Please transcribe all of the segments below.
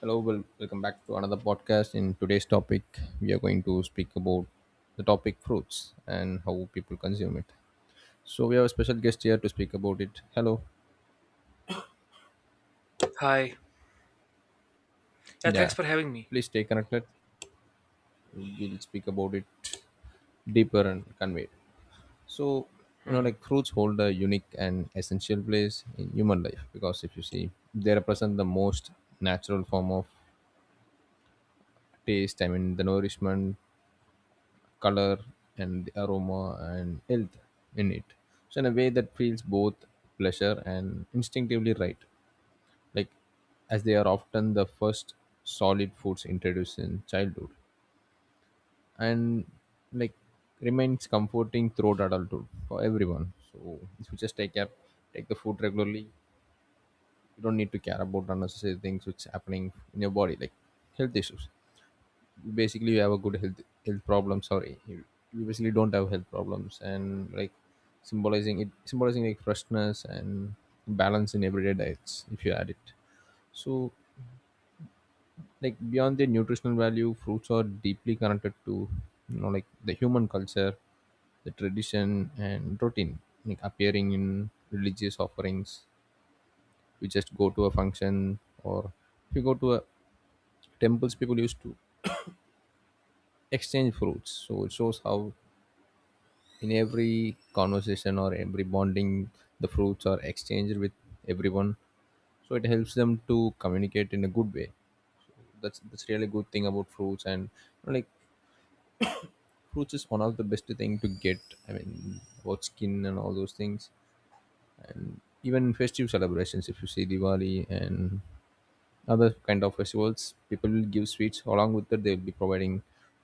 Hello, welcome back to another podcast. In today's topic, we are going to speak about the topic fruits and how people consume it. So we have a special guest here to speak about it. Hello. Hi. Yeah, thanks Yeah. for having me. Please stay connected. We'll speak about it deeper and conveyed. So you know, hmm like fruits hold a unique and essential place in human life because if you see, they represent the most natural form of taste. I mean, the nourishment, color, and the aroma and health in it. So in a way that feels both pleasure and instinctively right, like as they are often the first solid foods introduced in childhood, and like remains comforting throughout adulthood for everyone. So if you just take care, take the food regularly, you don't need to care about unnecessary things which happening in your body like health issues. Basically you have a good health problems. Sorry, you basically don't have health problems, and like symbolizing like freshness and balance in everyday diets if you add it. So like beyond their nutritional value, fruits are deeply connected to, you know, like the human culture, the tradition and routine, like appearing in religious offerings. We just go to a function, or if you go to a temples, people used to exchange fruits, so it shows how in every conversation or every bonding the fruits are exchanged with everyone. So it helps them to communicate in a good way. That's really good thing about fruits. And you know, like fruits is one of the best thing to get. I mean about skin and all those things. Even in festive celebrations, if you see Diwali and other kind of festivals, people will give sweets. Along with that, they'll be providing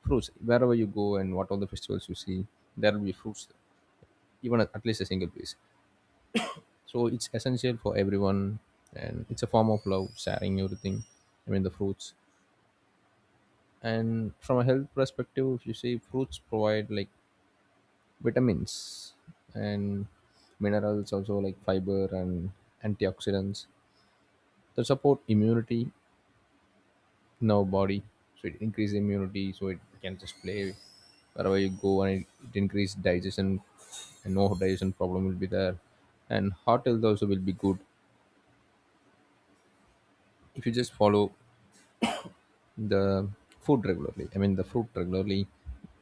fruits wherever you go, and what all the festivals you see, there will be fruits, even at least a single piece. So it's essential for everyone, and it's a form of love sharing everything. I mean the fruits. And from a health perspective, if you say fruits provide like vitamins and minerals, also like fiber and antioxidants that support immunity in our body. So it increases immunity, so it can just play wherever you go, and it increases digestion, and no digestion problem will be there, and heart health also will be good if you just follow the food regularly. I mean, the fruit regularly.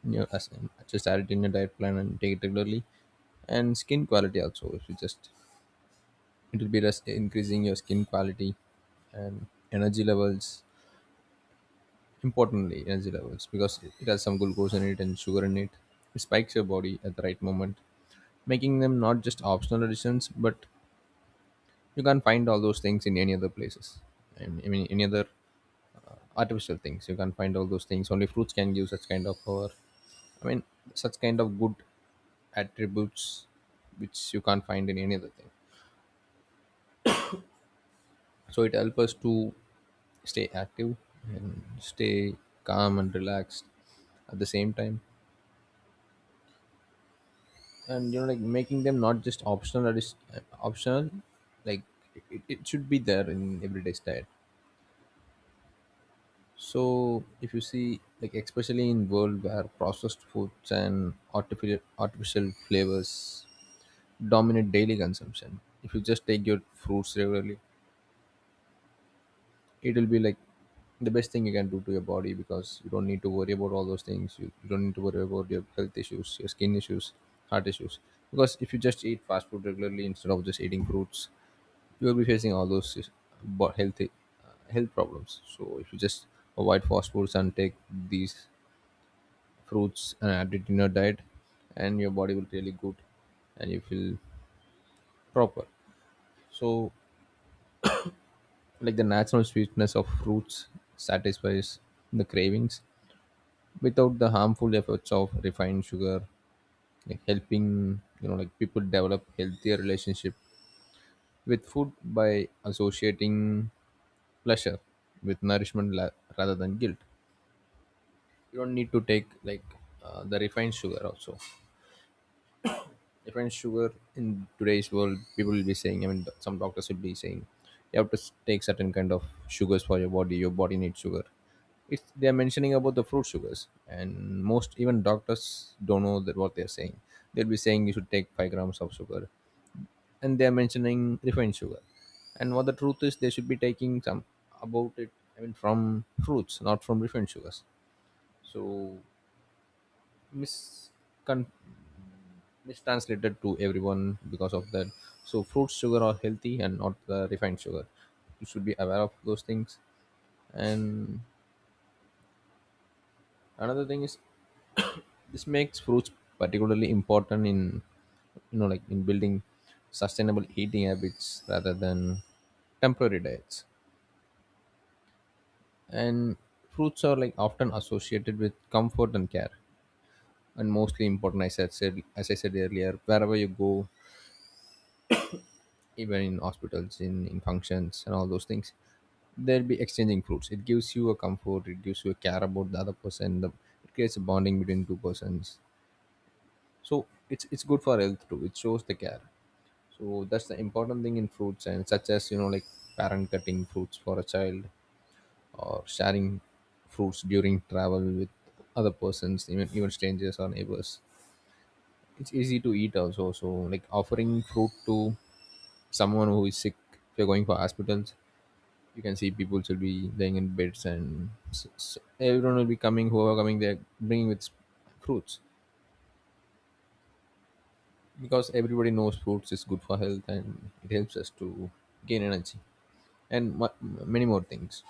You know, as, just add it in your diet plan and take it regularly. And skin quality also. If you just, it will be just increasing your skin quality and energy levels. Importantly, energy levels, because it has some glucose in it and sugar in it. It spikes your body at the right moment, making them not just optional additions. But you can't find all those things in any other places. And I mean, any other artificial things. You can't find all those things. Only fruits can give such kind of power. I mean, such kind of good attributes which you can't find in any other thing. So it helps us to stay active and stay calm and relaxed at the same time. And you know, like making them not just optional, that is optional, like it should be there in everyday's diet. So if you see, like especially in world where processed foods and artificial flavors dominate daily consumption, if you just take your fruits regularly, it will be like the best thing you can do to your body, because you don't need to worry about all those things. You don't need to worry about your health issues, your skin issues, heart issues. Because if you just eat fast food regularly instead of just eating fruits, you will be facing all those healthy health problems. So if you just avoid fast foods and take these fruits and add it in your diet, and your body will really good, and you feel proper. So like the natural sweetness of fruits satisfies the cravings without the harmful effects of refined sugar, like helping, you know, like people develop healthier relationship with food by associating pleasure with nourishment rather than guilt. You don't need to take like the refined sugar also. Even sugar in today's world, people will be saying, I mean some doctors will be saying, you have to take certain kind of sugars for your body. Your body needs sugar. It's they're mentioning about the fruit sugars, and most even doctors don't know that what they're saying. They'll be saying you should take 5 grams of sugar, and they're mentioning refined sugar. And what the truth is, they should be taking some about it. I mean from fruits, not from refined sugars. So miscon mistranslated to everyone because of that. So fruit sugar are healthy and not the refined sugar. You should be aware of those things. And another thing is this makes fruits particularly important in, you know, like in building sustainable eating habits rather than temporary diets. And fruits are like often associated with comfort and care, and mostly important, as I said earlier, wherever you go, even in hospitals, in functions, and all those things. They'll be exchanging fruits. It gives you a comfort. It gives you a care about the other person. The, it creates a bonding between two persons. So it's good for health too. It shows the care. So that's the important thing in fruits. And such as, you know, like parent cutting fruits for a child, or sharing fruits during travel with other persons, even strangers or neighbors. It's easy to eat also. So like offering fruit to someone who is sick, if you're going for hospitals, you can see people will be laying in beds, and s s everyone will be coming, whoever coming, they're bringing with fruits, because everybody knows fruits is good for health, and it helps us to gain energy and many more things.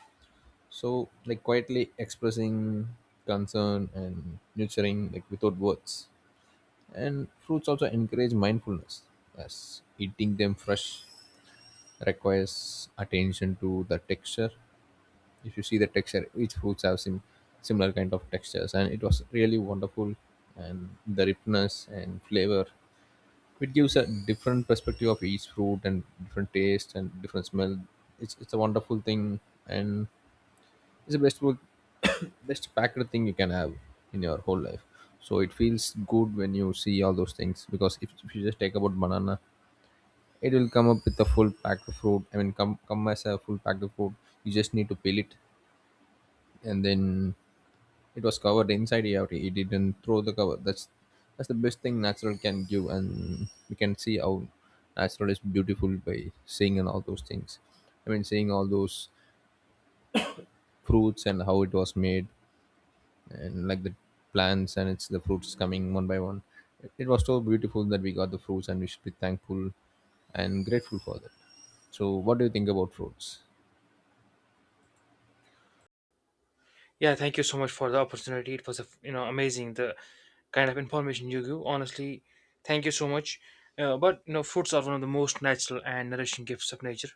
So like quietly expressing concern and nurturing, like without words. And fruits also encourage mindfulness, as eating them fresh requires attention to the texture. If you see the texture, each fruits have similar kind of textures, and it was really wonderful, and the ripeness and flavor. It gives a different perspective of each fruit, and different taste and different smell. It's a wonderful thing. And it's the best food, best packed thing you can have in your whole life. So it feels good when you see all those things, because if you just take about banana, it will come up with a full packed fruit. I mean come as a full packed fruit. You just need to peel it, and then it was covered inside out. He didn't throw the cover. That's the best thing natural can give, and we can see how natural is beautiful by seeing and all those things. I mean, seeing all those fruits and how it was made, and like the plants and it's the fruits coming one by one. It was so beautiful that we got the fruits, and we should be thankful and grateful for that. So, what do you think about fruits? Yeah, thank you so much for the opportunity. It was a, you know amazing the kind of information you give. Honestly, thank you so much. But you know, fruits are one of the most natural and nourishing gifts of nature.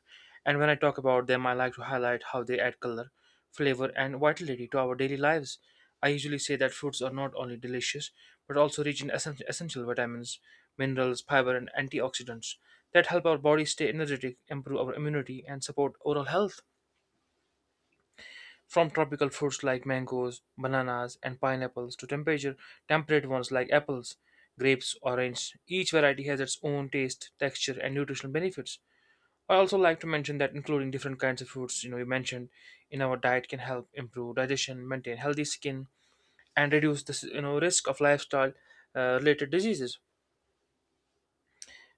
And when I talk about them, I like to highlight how they add color, flavor, and vitality to our daily lives. I usually say that fruits are not only delicious but also rich in essential vitamins, minerals, fiber, and antioxidants that help our body stay energetic, improve our immunity, and support oral health. From tropical fruits like mangoes, bananas, and pineapples to temperature temperate ones like apples, grapes, orange. Each variety has its own taste, texture, and nutritional benefits. I also like to mention that including different kinds of fruits, you know, you mentioned in our diet can help improve digestion, maintain healthy skin, and reduce the you know risk of lifestyle related diseases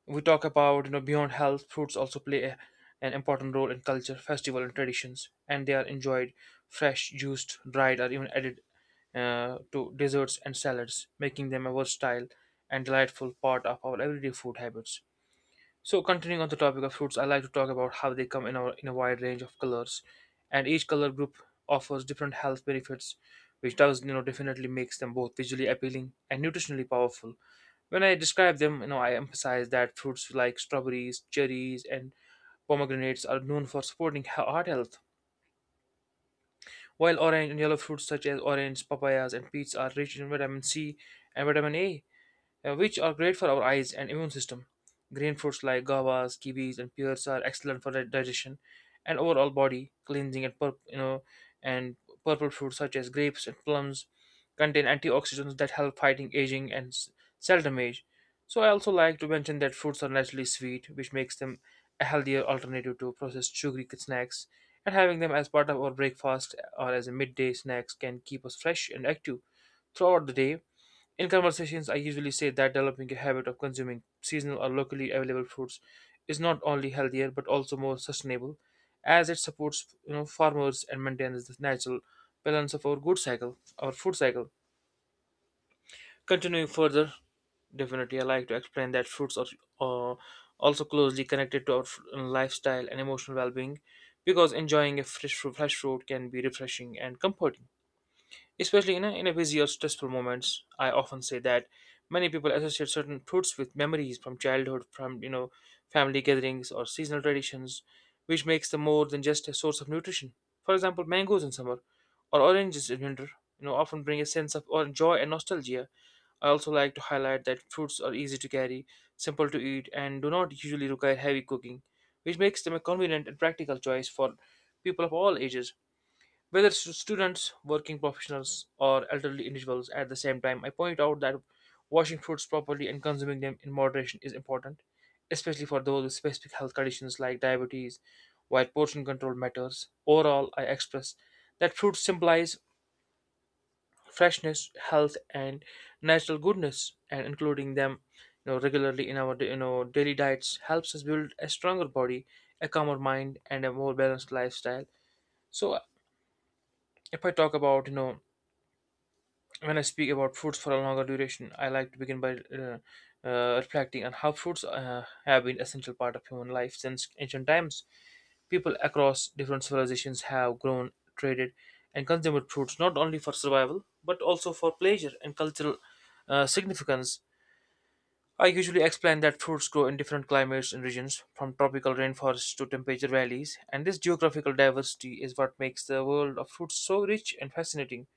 we talk about you know beyond health fruits also play an important role in culture festival and traditions, and they are enjoyed fresh juiced dried or even added to desserts and salads, making them a versatile and delightful part of our everyday food habits. So continuing on the topic of fruits, I like to talk about how they come in our in a wide range of colors, and each color group offers different health benefits, which does you know definitely makes them both visually appealing and nutritionally powerful. When I describe them, you know, I emphasize that fruits like strawberries, cherries, and pomegranates are known for supporting heart health, while orange and yellow fruits such as orange, papayas, and peach are rich in vitamin C and vitamin A, which are great for our eyes and immune system. Green fruits like guavas, kiwis, and pears are excellent for digestion and overall body cleansing. And purple fruits such as grapes and plums contain antioxidants that help fighting aging and cell damage. So I also like to mention that fruits are naturally sweet, which makes them a healthier alternative to processed sugary snacks. And having them as part of our breakfast or as a midday snacks can keep us fresh and active throughout the day. In conversations, I usually say that developing a habit of consuming seasonal or locally available fruits is not only healthier but also more sustainable, as it supports you know farmers and maintains the natural balance of our food cycle. Continuing further, definitely I like to explain that fruits are uh, also closely connected to our lifestyle and emotional well-being, because enjoying a fresh fruit can be refreshing and comforting. Especially you know, in a busy or stressful moments, I often say that many people associate certain fruits with memories from childhood, from you know, family gatherings or seasonal traditions, which makes them more than just a source of nutrition. For example, mangoes in summer or oranges in winter, you know, often bring a sense of or joy and nostalgia. I also like to highlight that fruits are easy to carry, simple to eat, and do not usually require heavy cooking, which makes them a convenient and practical choice for people of all ages, whether students, working professionals, or elderly individuals at the same time. I point out that washing fruits properly and consuming them in moderation is important, especially for those with specific health conditions like diabetes, while portion control matters. Overall, I express that fruits symbolize freshness, health, and natural goodness, and including them you know, regularly in our you know daily diets helps us build a stronger body, a calmer mind, and a more balanced lifestyle. So if I talk about you know When I speak about fruits for a longer duration, I like to begin by reflecting on how fruits have been essential part of human life since ancient times. People across different civilizations have grown, traded, and consumed fruits not only for survival but also for pleasure and cultural significance. I usually explain that fruits grow in different climates and regions, from tropical rainforests to temperate valleys, and this geographical diversity is what makes the world of fruits so rich and fascinating.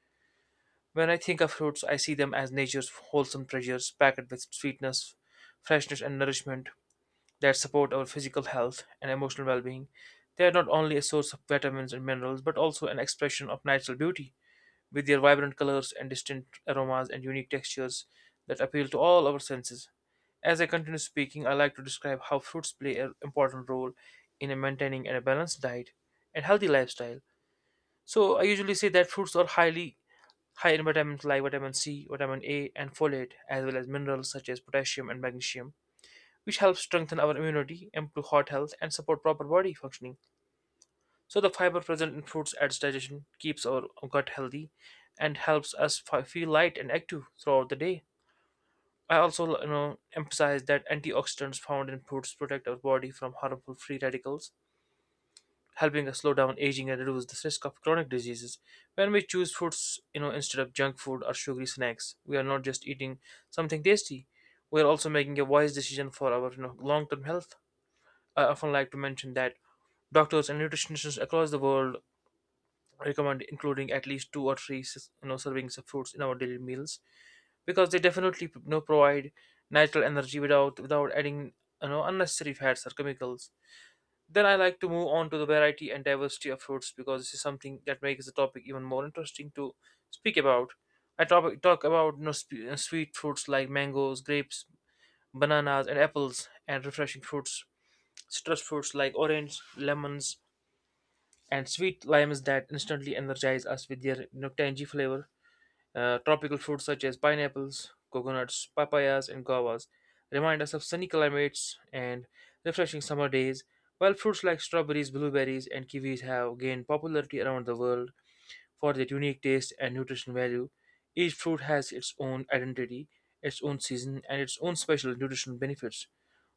When I think of fruits, I see them as nature's wholesome treasures packed with sweetness, freshness, and nourishment that support our physical health and emotional well being. They are not only a source of vitamins and minerals, but also an expression of natural beauty, with their vibrant colors and distinct aromas and unique textures that appeal to all our senses. As I continue speaking, I like to describe how fruits play an important role in maintaining a balanced diet and healthy lifestyle. So, I usually say that fruits are high in vitamins like vitamin C, vitamin A, and folate, as well as minerals such as potassium and magnesium, which helps strengthen our immunity, improve heart health, and support proper body functioning. So, the fiber present in fruits adds digestion, keeps our gut healthy, and helps us feel light and active throughout the day. I also, you know, emphasize that antioxidants found in fruits protect our body from harmful free radicals, helping us slow down aging and reduce the risk of chronic diseases. When we choose fruits, you know, instead of junk food or sugary snacks, we are not just eating something tasty. We are also making a wise decision for our you know, long-term health. I often like to mention that doctors and nutritionists across the world recommend including at least two or three you know servings of fruits in our daily meals, because they definitely you know provide natural energy without adding you know unnecessary fats or chemicals. Then I like to move on to the variety and diversity of fruits, because this is something that makes the topic even more interesting to speak about. I talk about you know, sweet fruits like mangoes, grapes, bananas, and apples, and refreshing fruits, citrus fruits like orange, lemons, and sweet limes that instantly energize us with their you know, tangy flavor. Tropical fruits such as pineapples, coconuts, papayas, and guavas remind us of sunny climates and refreshing summer days, while fruits like strawberries, blueberries, and kiwis have gained popularity around the world for their unique taste and nutrition value. Each fruit has its own identity, its own season, and its own special nutritional benefits.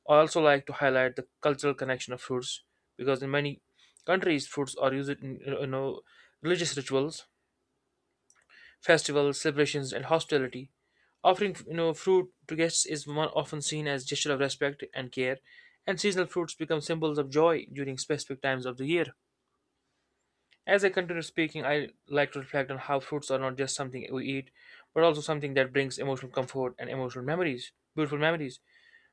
I also like to highlight the cultural connection of fruits, because in many countries, fruits are used in you know religious rituals, festivals, celebrations, and hospitality. Offering you know fruit to guests is one often seen as gesture of respect and care, and seasonal fruits become symbols of joy during specific times of the year. As I continue speaking, I like to reflect on how fruits are not just something we eat, but also something that brings emotional comfort and emotional memories, beautiful memories.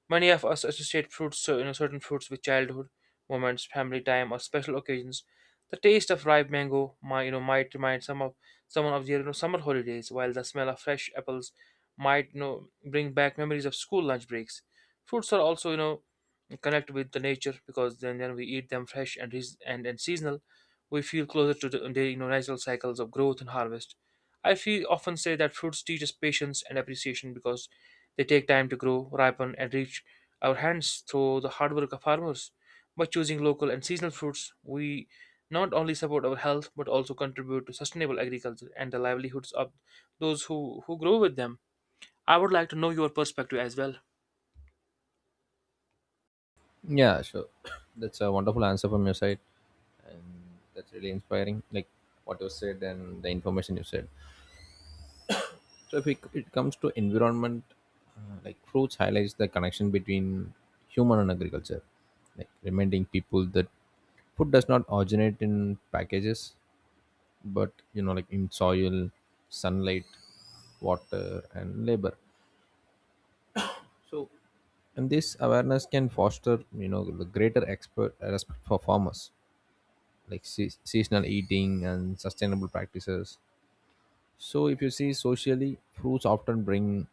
Many of us associate fruits, so, you know, certain fruits with childhood moments, family time, or special occasions. The taste of ripe mango, might, you know, might remind some of someone of their you know, summer holidays, while the smell of fresh apples might, you know, bring back memories of school lunch breaks. Fruits are also, you know, connect with the nature because then we eat them fresh and, and seasonal. We feel closer to the you know, natural cycles of growth and harvest. I feel often say that fruits teach us patience and appreciation because they take time to grow, ripen, and reach our hands through the hard work of farmers. By choosing local and seasonal fruits, we not only support our health but also contribute to sustainable agriculture and the livelihoods of who grow with them. I would like to know your perspective as well. Yeah, sure. That's a wonderful answer from your side. That's really inspiring. Like what you said and the information you said. So if it comes to environment, like fruits highlights the connection between human and agriculture, like reminding people that food does not originate in packages, but you know, like in soil, sunlight, water, and labor. So, and this awareness can foster, you know, the greater expert respect for farmers, like seasonal eating and sustainable practices. So, if you see socially, fruits often bring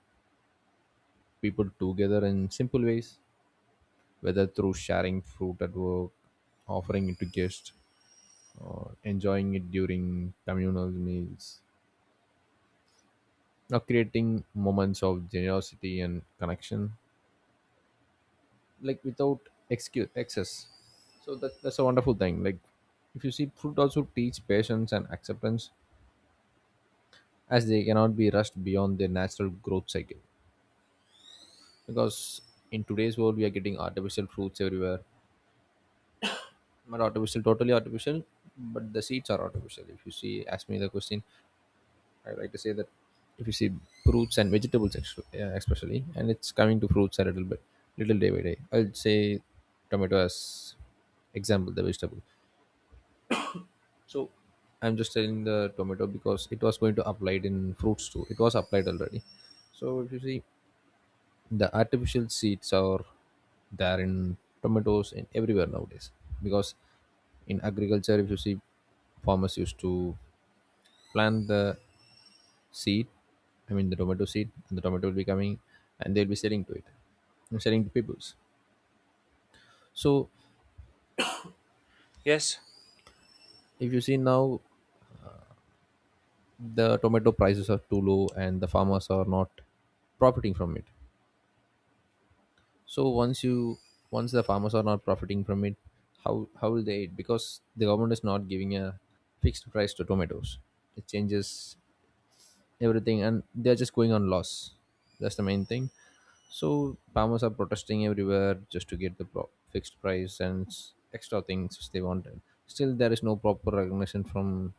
people together in simple ways, whether through sharing fruit at work, offering it to guests, or enjoying it during communal meals, or creating moments of generosity and connection, like without excess. So that's a wonderful thing. Like if you see, fruit also teach patience and acceptance, as they cannot be rushed beyond their natural growth cycle. Because in today's world, we are getting artificial fruits everywhere. Not artificial, totally artificial, but the seeds are artificial. If you see, ask me the question, I like to say that if you see fruits and vegetables, especially, and it's coming to fruits a little bit, little day by day. I'll say tomato as example, the vegetable. So I'm just telling the tomato because it was going to applied in fruits too. It was applied already. So if you see, the artificial seeds are there in tomatoes and everywhere nowadays because in agriculture, if you see, farmers used to plant the seed, I mean the tomato seed, and the tomato will be coming and they'll be selling to it and selling to peoples. So, Yes. if you see now, the tomato prices are too low and the farmers are not profiting from it. So once the farmers are not profiting from it, how will they eat, because the government is not giving a fixed price to tomatoes? It changes everything and they're just going on loss. That's the main thing. So farmers are protesting everywhere just to get the fixed price and extra things which they wanted. Still there is no proper recognition from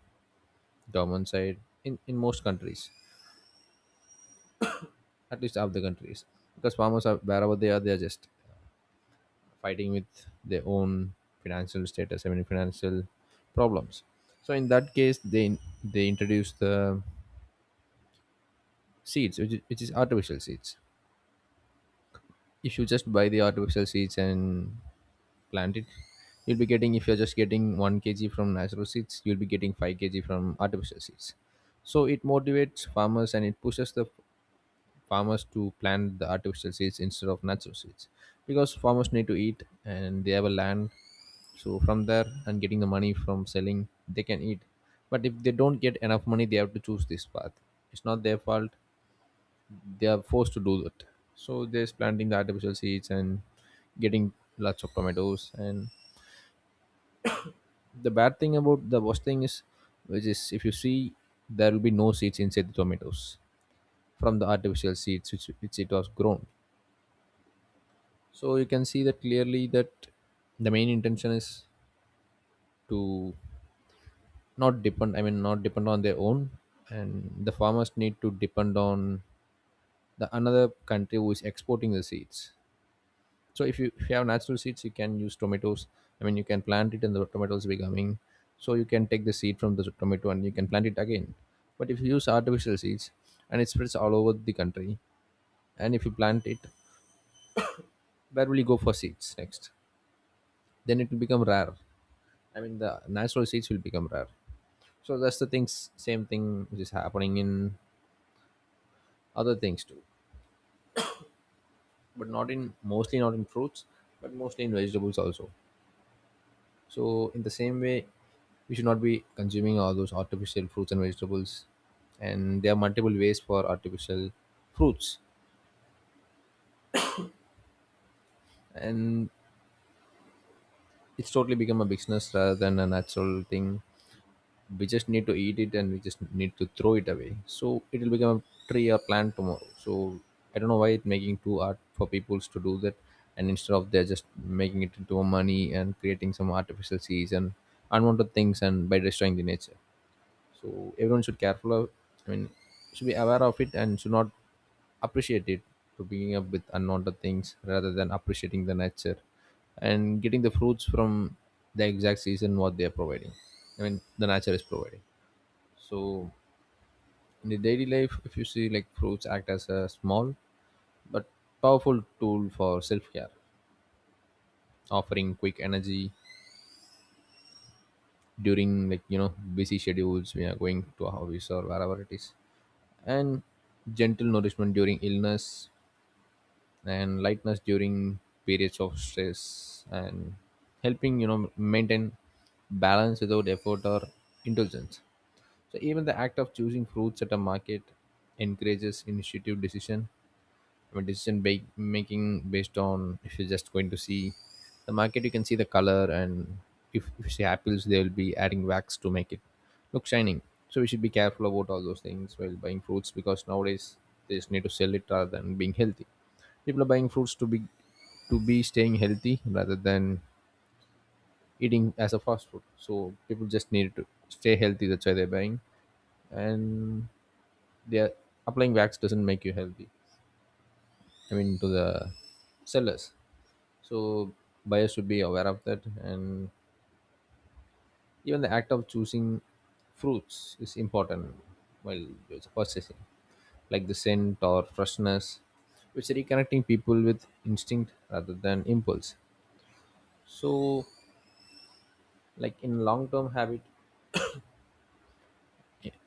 government side, in most countries, at least half the countries, because farmers, are wherever they are, they're just fighting with their own financial status, I mean financial problems. So in that case, they introduce the seeds which is artificial seeds. If you just buy the artificial seeds and plant it, you'll be getting, if you're just getting 1 kg from natural seeds you'll be getting 5 kg from artificial seeds. So it motivates farmers and it pushes the farmers to plant the artificial seeds instead of natural seeds, because farmers need to eat and they have a land. So from there and getting the money from selling, they can eat. But if they don't get enough money, they have to choose this path. It's not their fault. They are forced to do that. So they're planting the artificial seeds and getting lots of tomatoes. And the bad thing about, the worst thing is, which is, if you see, there will be no seeds inside the tomatoes from the artificial seeds which it was grown. So you can see that clearly, that the main intention is to not depend. I mean, not depend on their own, and the farmers need to depend on the another country who is exporting the seeds. So if you have natural seeds, you can use tomatoes, I mean you can plant it and the tomatoes becoming, so you can take the seed from the tomato and you can plant it again. But if you use artificial seeds and it spreads all over the country, and if you plant it, where will you go for seeds next? Then it will become rare, I mean the natural seeds will become rare. So that's the things, same thing which is happening in other things too, but not in, mostly not in fruits, but mostly in vegetables also. So, in the same way, we should not be consuming all those artificial fruits and vegetables. And there are multiple ways for artificial fruits, and it's totally become a business rather than a natural thing. We just need to eat it, and we just need to throw it away. So it will become a tree or plant tomorrow. So I don't know why it's making too art for people to do that, and instead of they're just making it into a money and creating some artificial seeds and unwanted things, and by destroying the nature. So everyone should careful of, I mean should be aware of it and should not appreciate it for picking up with unwanted things rather than appreciating the nature and getting the fruits from the exact season what they are providing, I mean the nature is providing. So in the daily life, if you see, like fruits act as a small but powerful tool for self-care, offering quick energy during, like, you know, busy schedules, we are going to a hobbies or wherever it is, and gentle nourishment during illness, and lightness during periods of stress, and helping, you know, maintain balance without effort or indulgence. So even the act of choosing fruits at a market encourages initiative decision. I mean, decision making based on, if you're just going to see the market, you can see the color, and if you see apples, they'll be adding wax to make it look shining. So we should be careful about all those things while buying fruits, because nowadays they just need to sell it rather than being healthy. People are buying fruits to be staying healthy rather than eating as a fast food. So people just need to stay healthy. That's why they're buying, and they're applying wax doesn't make you healthy. I mean, to the sellers. So buyers should be aware of that, and even the act of choosing fruits is important while it's purchasing, like the scent or freshness, which reconnecting people with instinct rather than impulse. So, like, in long term habit,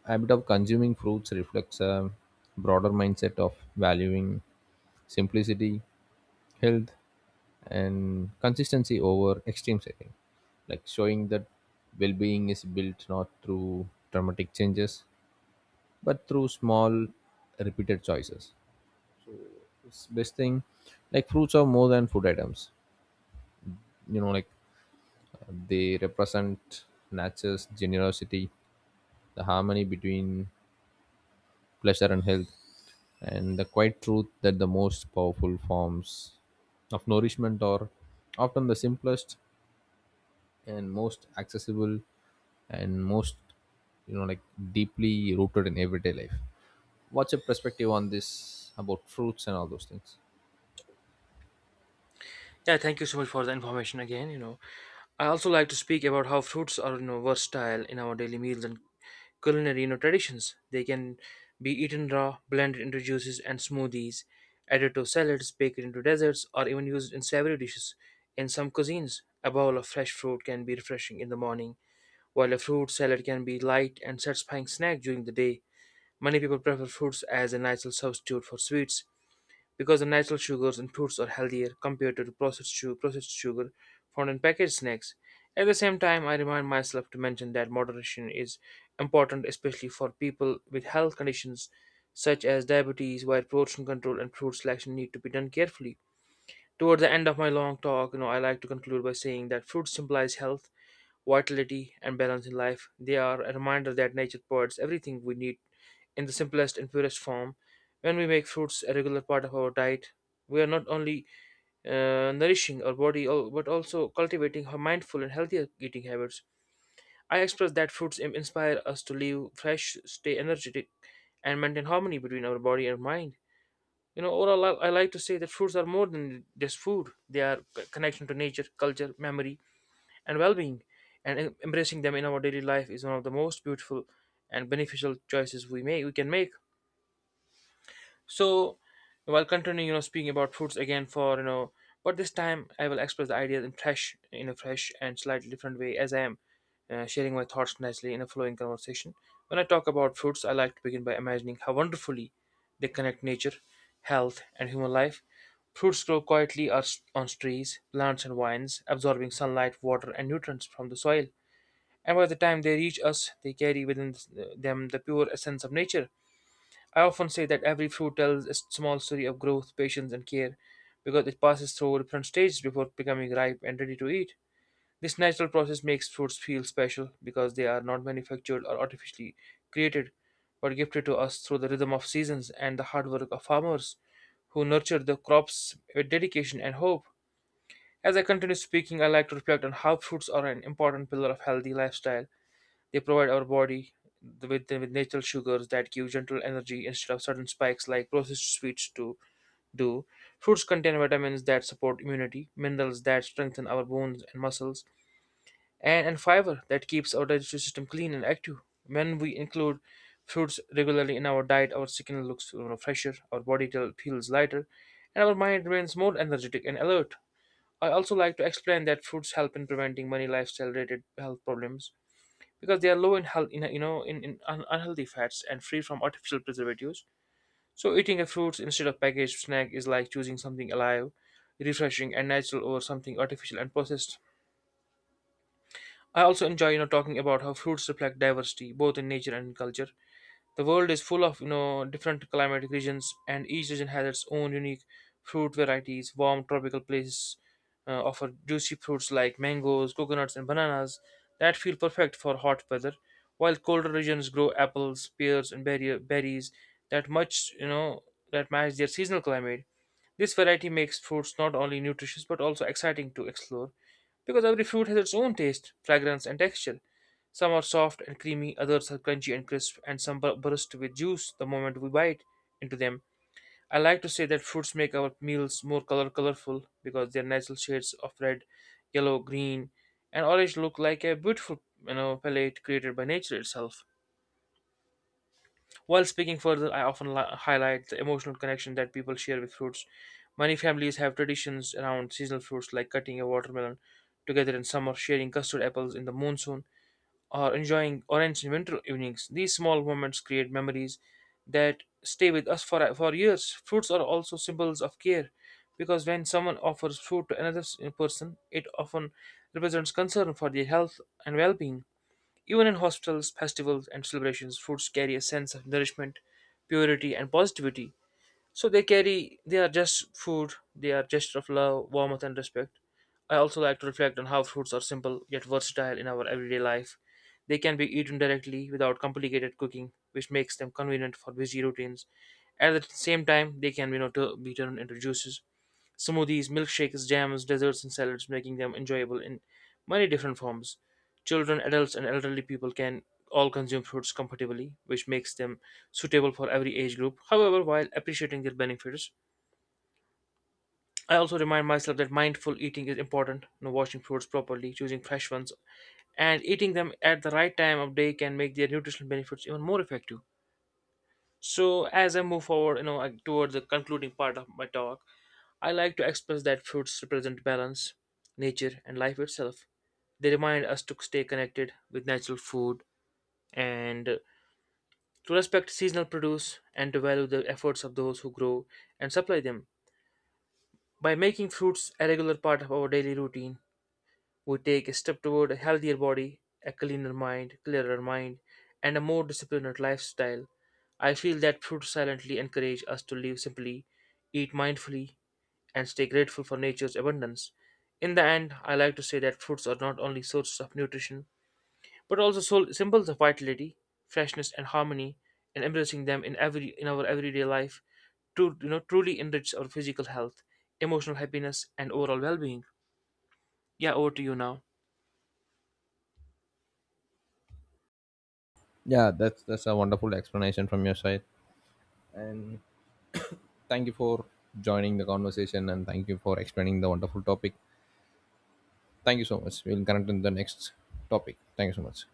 habit of consuming fruits reflects a broader mindset of valuing simplicity, health, and consistency over extremes. I think, like, showing that well-being is built not through dramatic changes, but through small, repeated choices. It's best thing, like fruits are more than food items. You know, like, they represent nature's generosity, the harmony between pleasure, and health. And the quiet truth that the most powerful forms of nourishment are often the simplest and most accessible and most, you know, like, deeply rooted in everyday life. What's your perspective on this about fruits and all those things? Yeah, thank you so much for the information again, you know. I also like to speak about how fruits are, you know, versatile in our daily meals and culinary you know, traditions. They can be eaten raw, blended into juices and smoothies, added to salads, baked into desserts, or even used in savory dishes. In some cuisines, a bowl of fresh fruit can be refreshing in the morning, while a fruit salad can be light and satisfying snack during the day. Many people prefer fruits as a natural substitute for sweets, because the natural sugars in fruits are healthier compared to the processed sugar found in packaged snacks. At the same time, I remind myself to mention that moderation is important, especially for people with health conditions such as diabetes, while portion control and fruit selection need to be done carefully. Toward the end of my long talk, I like to conclude by saying that fruit symbolize health, vitality, and balance in life. They are a reminder that nature provides everything we need in the simplest and purest form. When we make fruits a regular part of our diet, we are not only nourishing our body but also cultivating a mindful and healthier eating habits. I express that fruits inspire us to live fresh, stay energetic, and maintain harmony between our body and mind. Overall, I like to say that fruits are more than just food. They are connection to nature, culture, memory, and well-being. And embracing them in our daily life is one of the most beautiful and beneficial choices we can make. So while continuing, speaking about foods again but this time I will express the ideas in a fresh and slightly different way, as I am sharing my thoughts nicely in a flowing conversation. When I talk about fruits, I like to begin by imagining how wonderfully they connect nature, health, and human life. Fruits grow quietly on trees, plants, and vines, absorbing sunlight, water, and nutrients from the soil. And by the time they reach us, they carry within them the pure essence of nature. I often say that every fruit tells a small story of growth, patience, and care because it passes through different stages before becoming ripe and ready to eat. This natural process makes fruits feel special because they are not manufactured or artificially created but gifted to us through the rhythm of seasons and the hard work of farmers who nurture the crops with dedication and hope. As I continue speaking, I like to reflect on how fruits are an important pillar of healthy lifestyle. They provide our body with natural sugars that give gentle energy instead of sudden spikes like processed sweets do. Fruits contain vitamins that support immunity, minerals that strengthen our bones and muscles, and fiber that keeps our digestive system clean and active. When we include fruits regularly in our diet, our skin looks fresher, our body feels lighter, and our mind remains more energetic and alert. I also like to explain that fruits help in preventing many lifestyle related health problems because they are low in health in you know in un- unhealthy fats and free from artificial preservatives, so eating a fruit instead of packaged snack is like choosing something alive, refreshing and natural over something artificial and processed. I also enjoy talking about how fruits reflect diversity both in nature and in culture. The world is full of different climatic regions, and each region has its own unique fruit varieties. Warm tropical places offer juicy fruits like mangoes, coconuts, and bananas that feel perfect for hot weather, while colder regions grow apples, pears, and berries that much you know that match their seasonal climate. This variety makes fruits not only nutritious but also exciting to explore because every fruit has its own taste, fragrance, and texture. Some are soft and creamy, others are crunchy and crisp, and some burst with juice the moment we bite into them. I like to say that fruits make our meals more colorful because their natural shades of red, yellow, green, and orange look like a beautiful, palette created by nature itself. While speaking further, I often highlight the emotional connection that people share with fruits. Many families have traditions around seasonal fruits like cutting a watermelon together in summer, sharing custard apples in the monsoon, or enjoying orange in winter evenings. These small moments create memories that stay with us for years. Fruits are also symbols of care because when someone offers fruit to another person, it often represents concern for their health and well being. Even in hostels, festivals, and celebrations, foods carry a sense of nourishment, purity, and positivity. So they are just food, they are gesture of love, warmth, and respect. I also like to reflect on how fruits are simple yet versatile in our everyday life. They can be eaten directly without complicated cooking, which makes them convenient for busy routines. At the same time, they can be, you know, tu- be turned into juices, smoothies, milkshakes, jams, desserts, and salads, making them enjoyable in many different forms. Children, adults, and elderly people can all consume fruits comfortably, which makes them suitable for every age group. However, while appreciating their benefits, I also remind myself that mindful eating is important. Washing fruits properly, choosing fresh ones, and eating them at the right time of day can make their nutritional benefits even more effective. So, as I move forward, toward the concluding part of my talk, I like to express that fruits represent balance, nature, and life itself. They remind us to stay connected with natural food and to respect seasonal produce and to value the efforts of those who grow and supply them. By making fruits a regular part of our daily routine, we take a step toward a healthier body, clearer mind, and a more disciplined lifestyle. I feel that fruits silently encourage us to live simply, eat mindfully, and stay grateful for nature's abundance. In the end, I like to say that fruits are not only sources of nutrition, but also soul symbols of vitality, freshness, and harmony, and embracing them in our everyday life to truly enrich our physical health, emotional happiness, and overall well-being. Yeah, over to you now. Yeah, that's a wonderful explanation from your side. And thank you for joining the conversation, and thank you for explaining the wonderful topic. Thank you so much. We'll connect in the next topic. Thank you so much.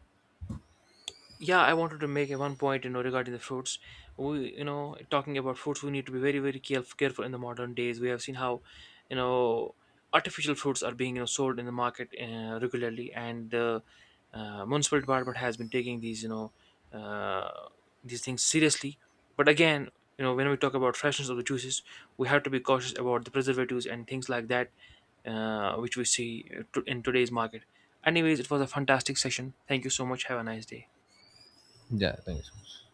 Yeah, I wanted to make a one point, regarding the fruits. We you know Talking about fruits, we need to be very very careful careful. In the modern days, we have seen how, you know artificial fruits are being, sold in the market regularly, and the municipal department has been taking these, uh, these things seriously. But again, you know, when we talk about freshness of the juices, we have to be cautious about the preservatives and things like that, which we see, in today's market. Anyways, it was a fantastic session. Thank you so much. Have a nice day. Yeah, thank you so much.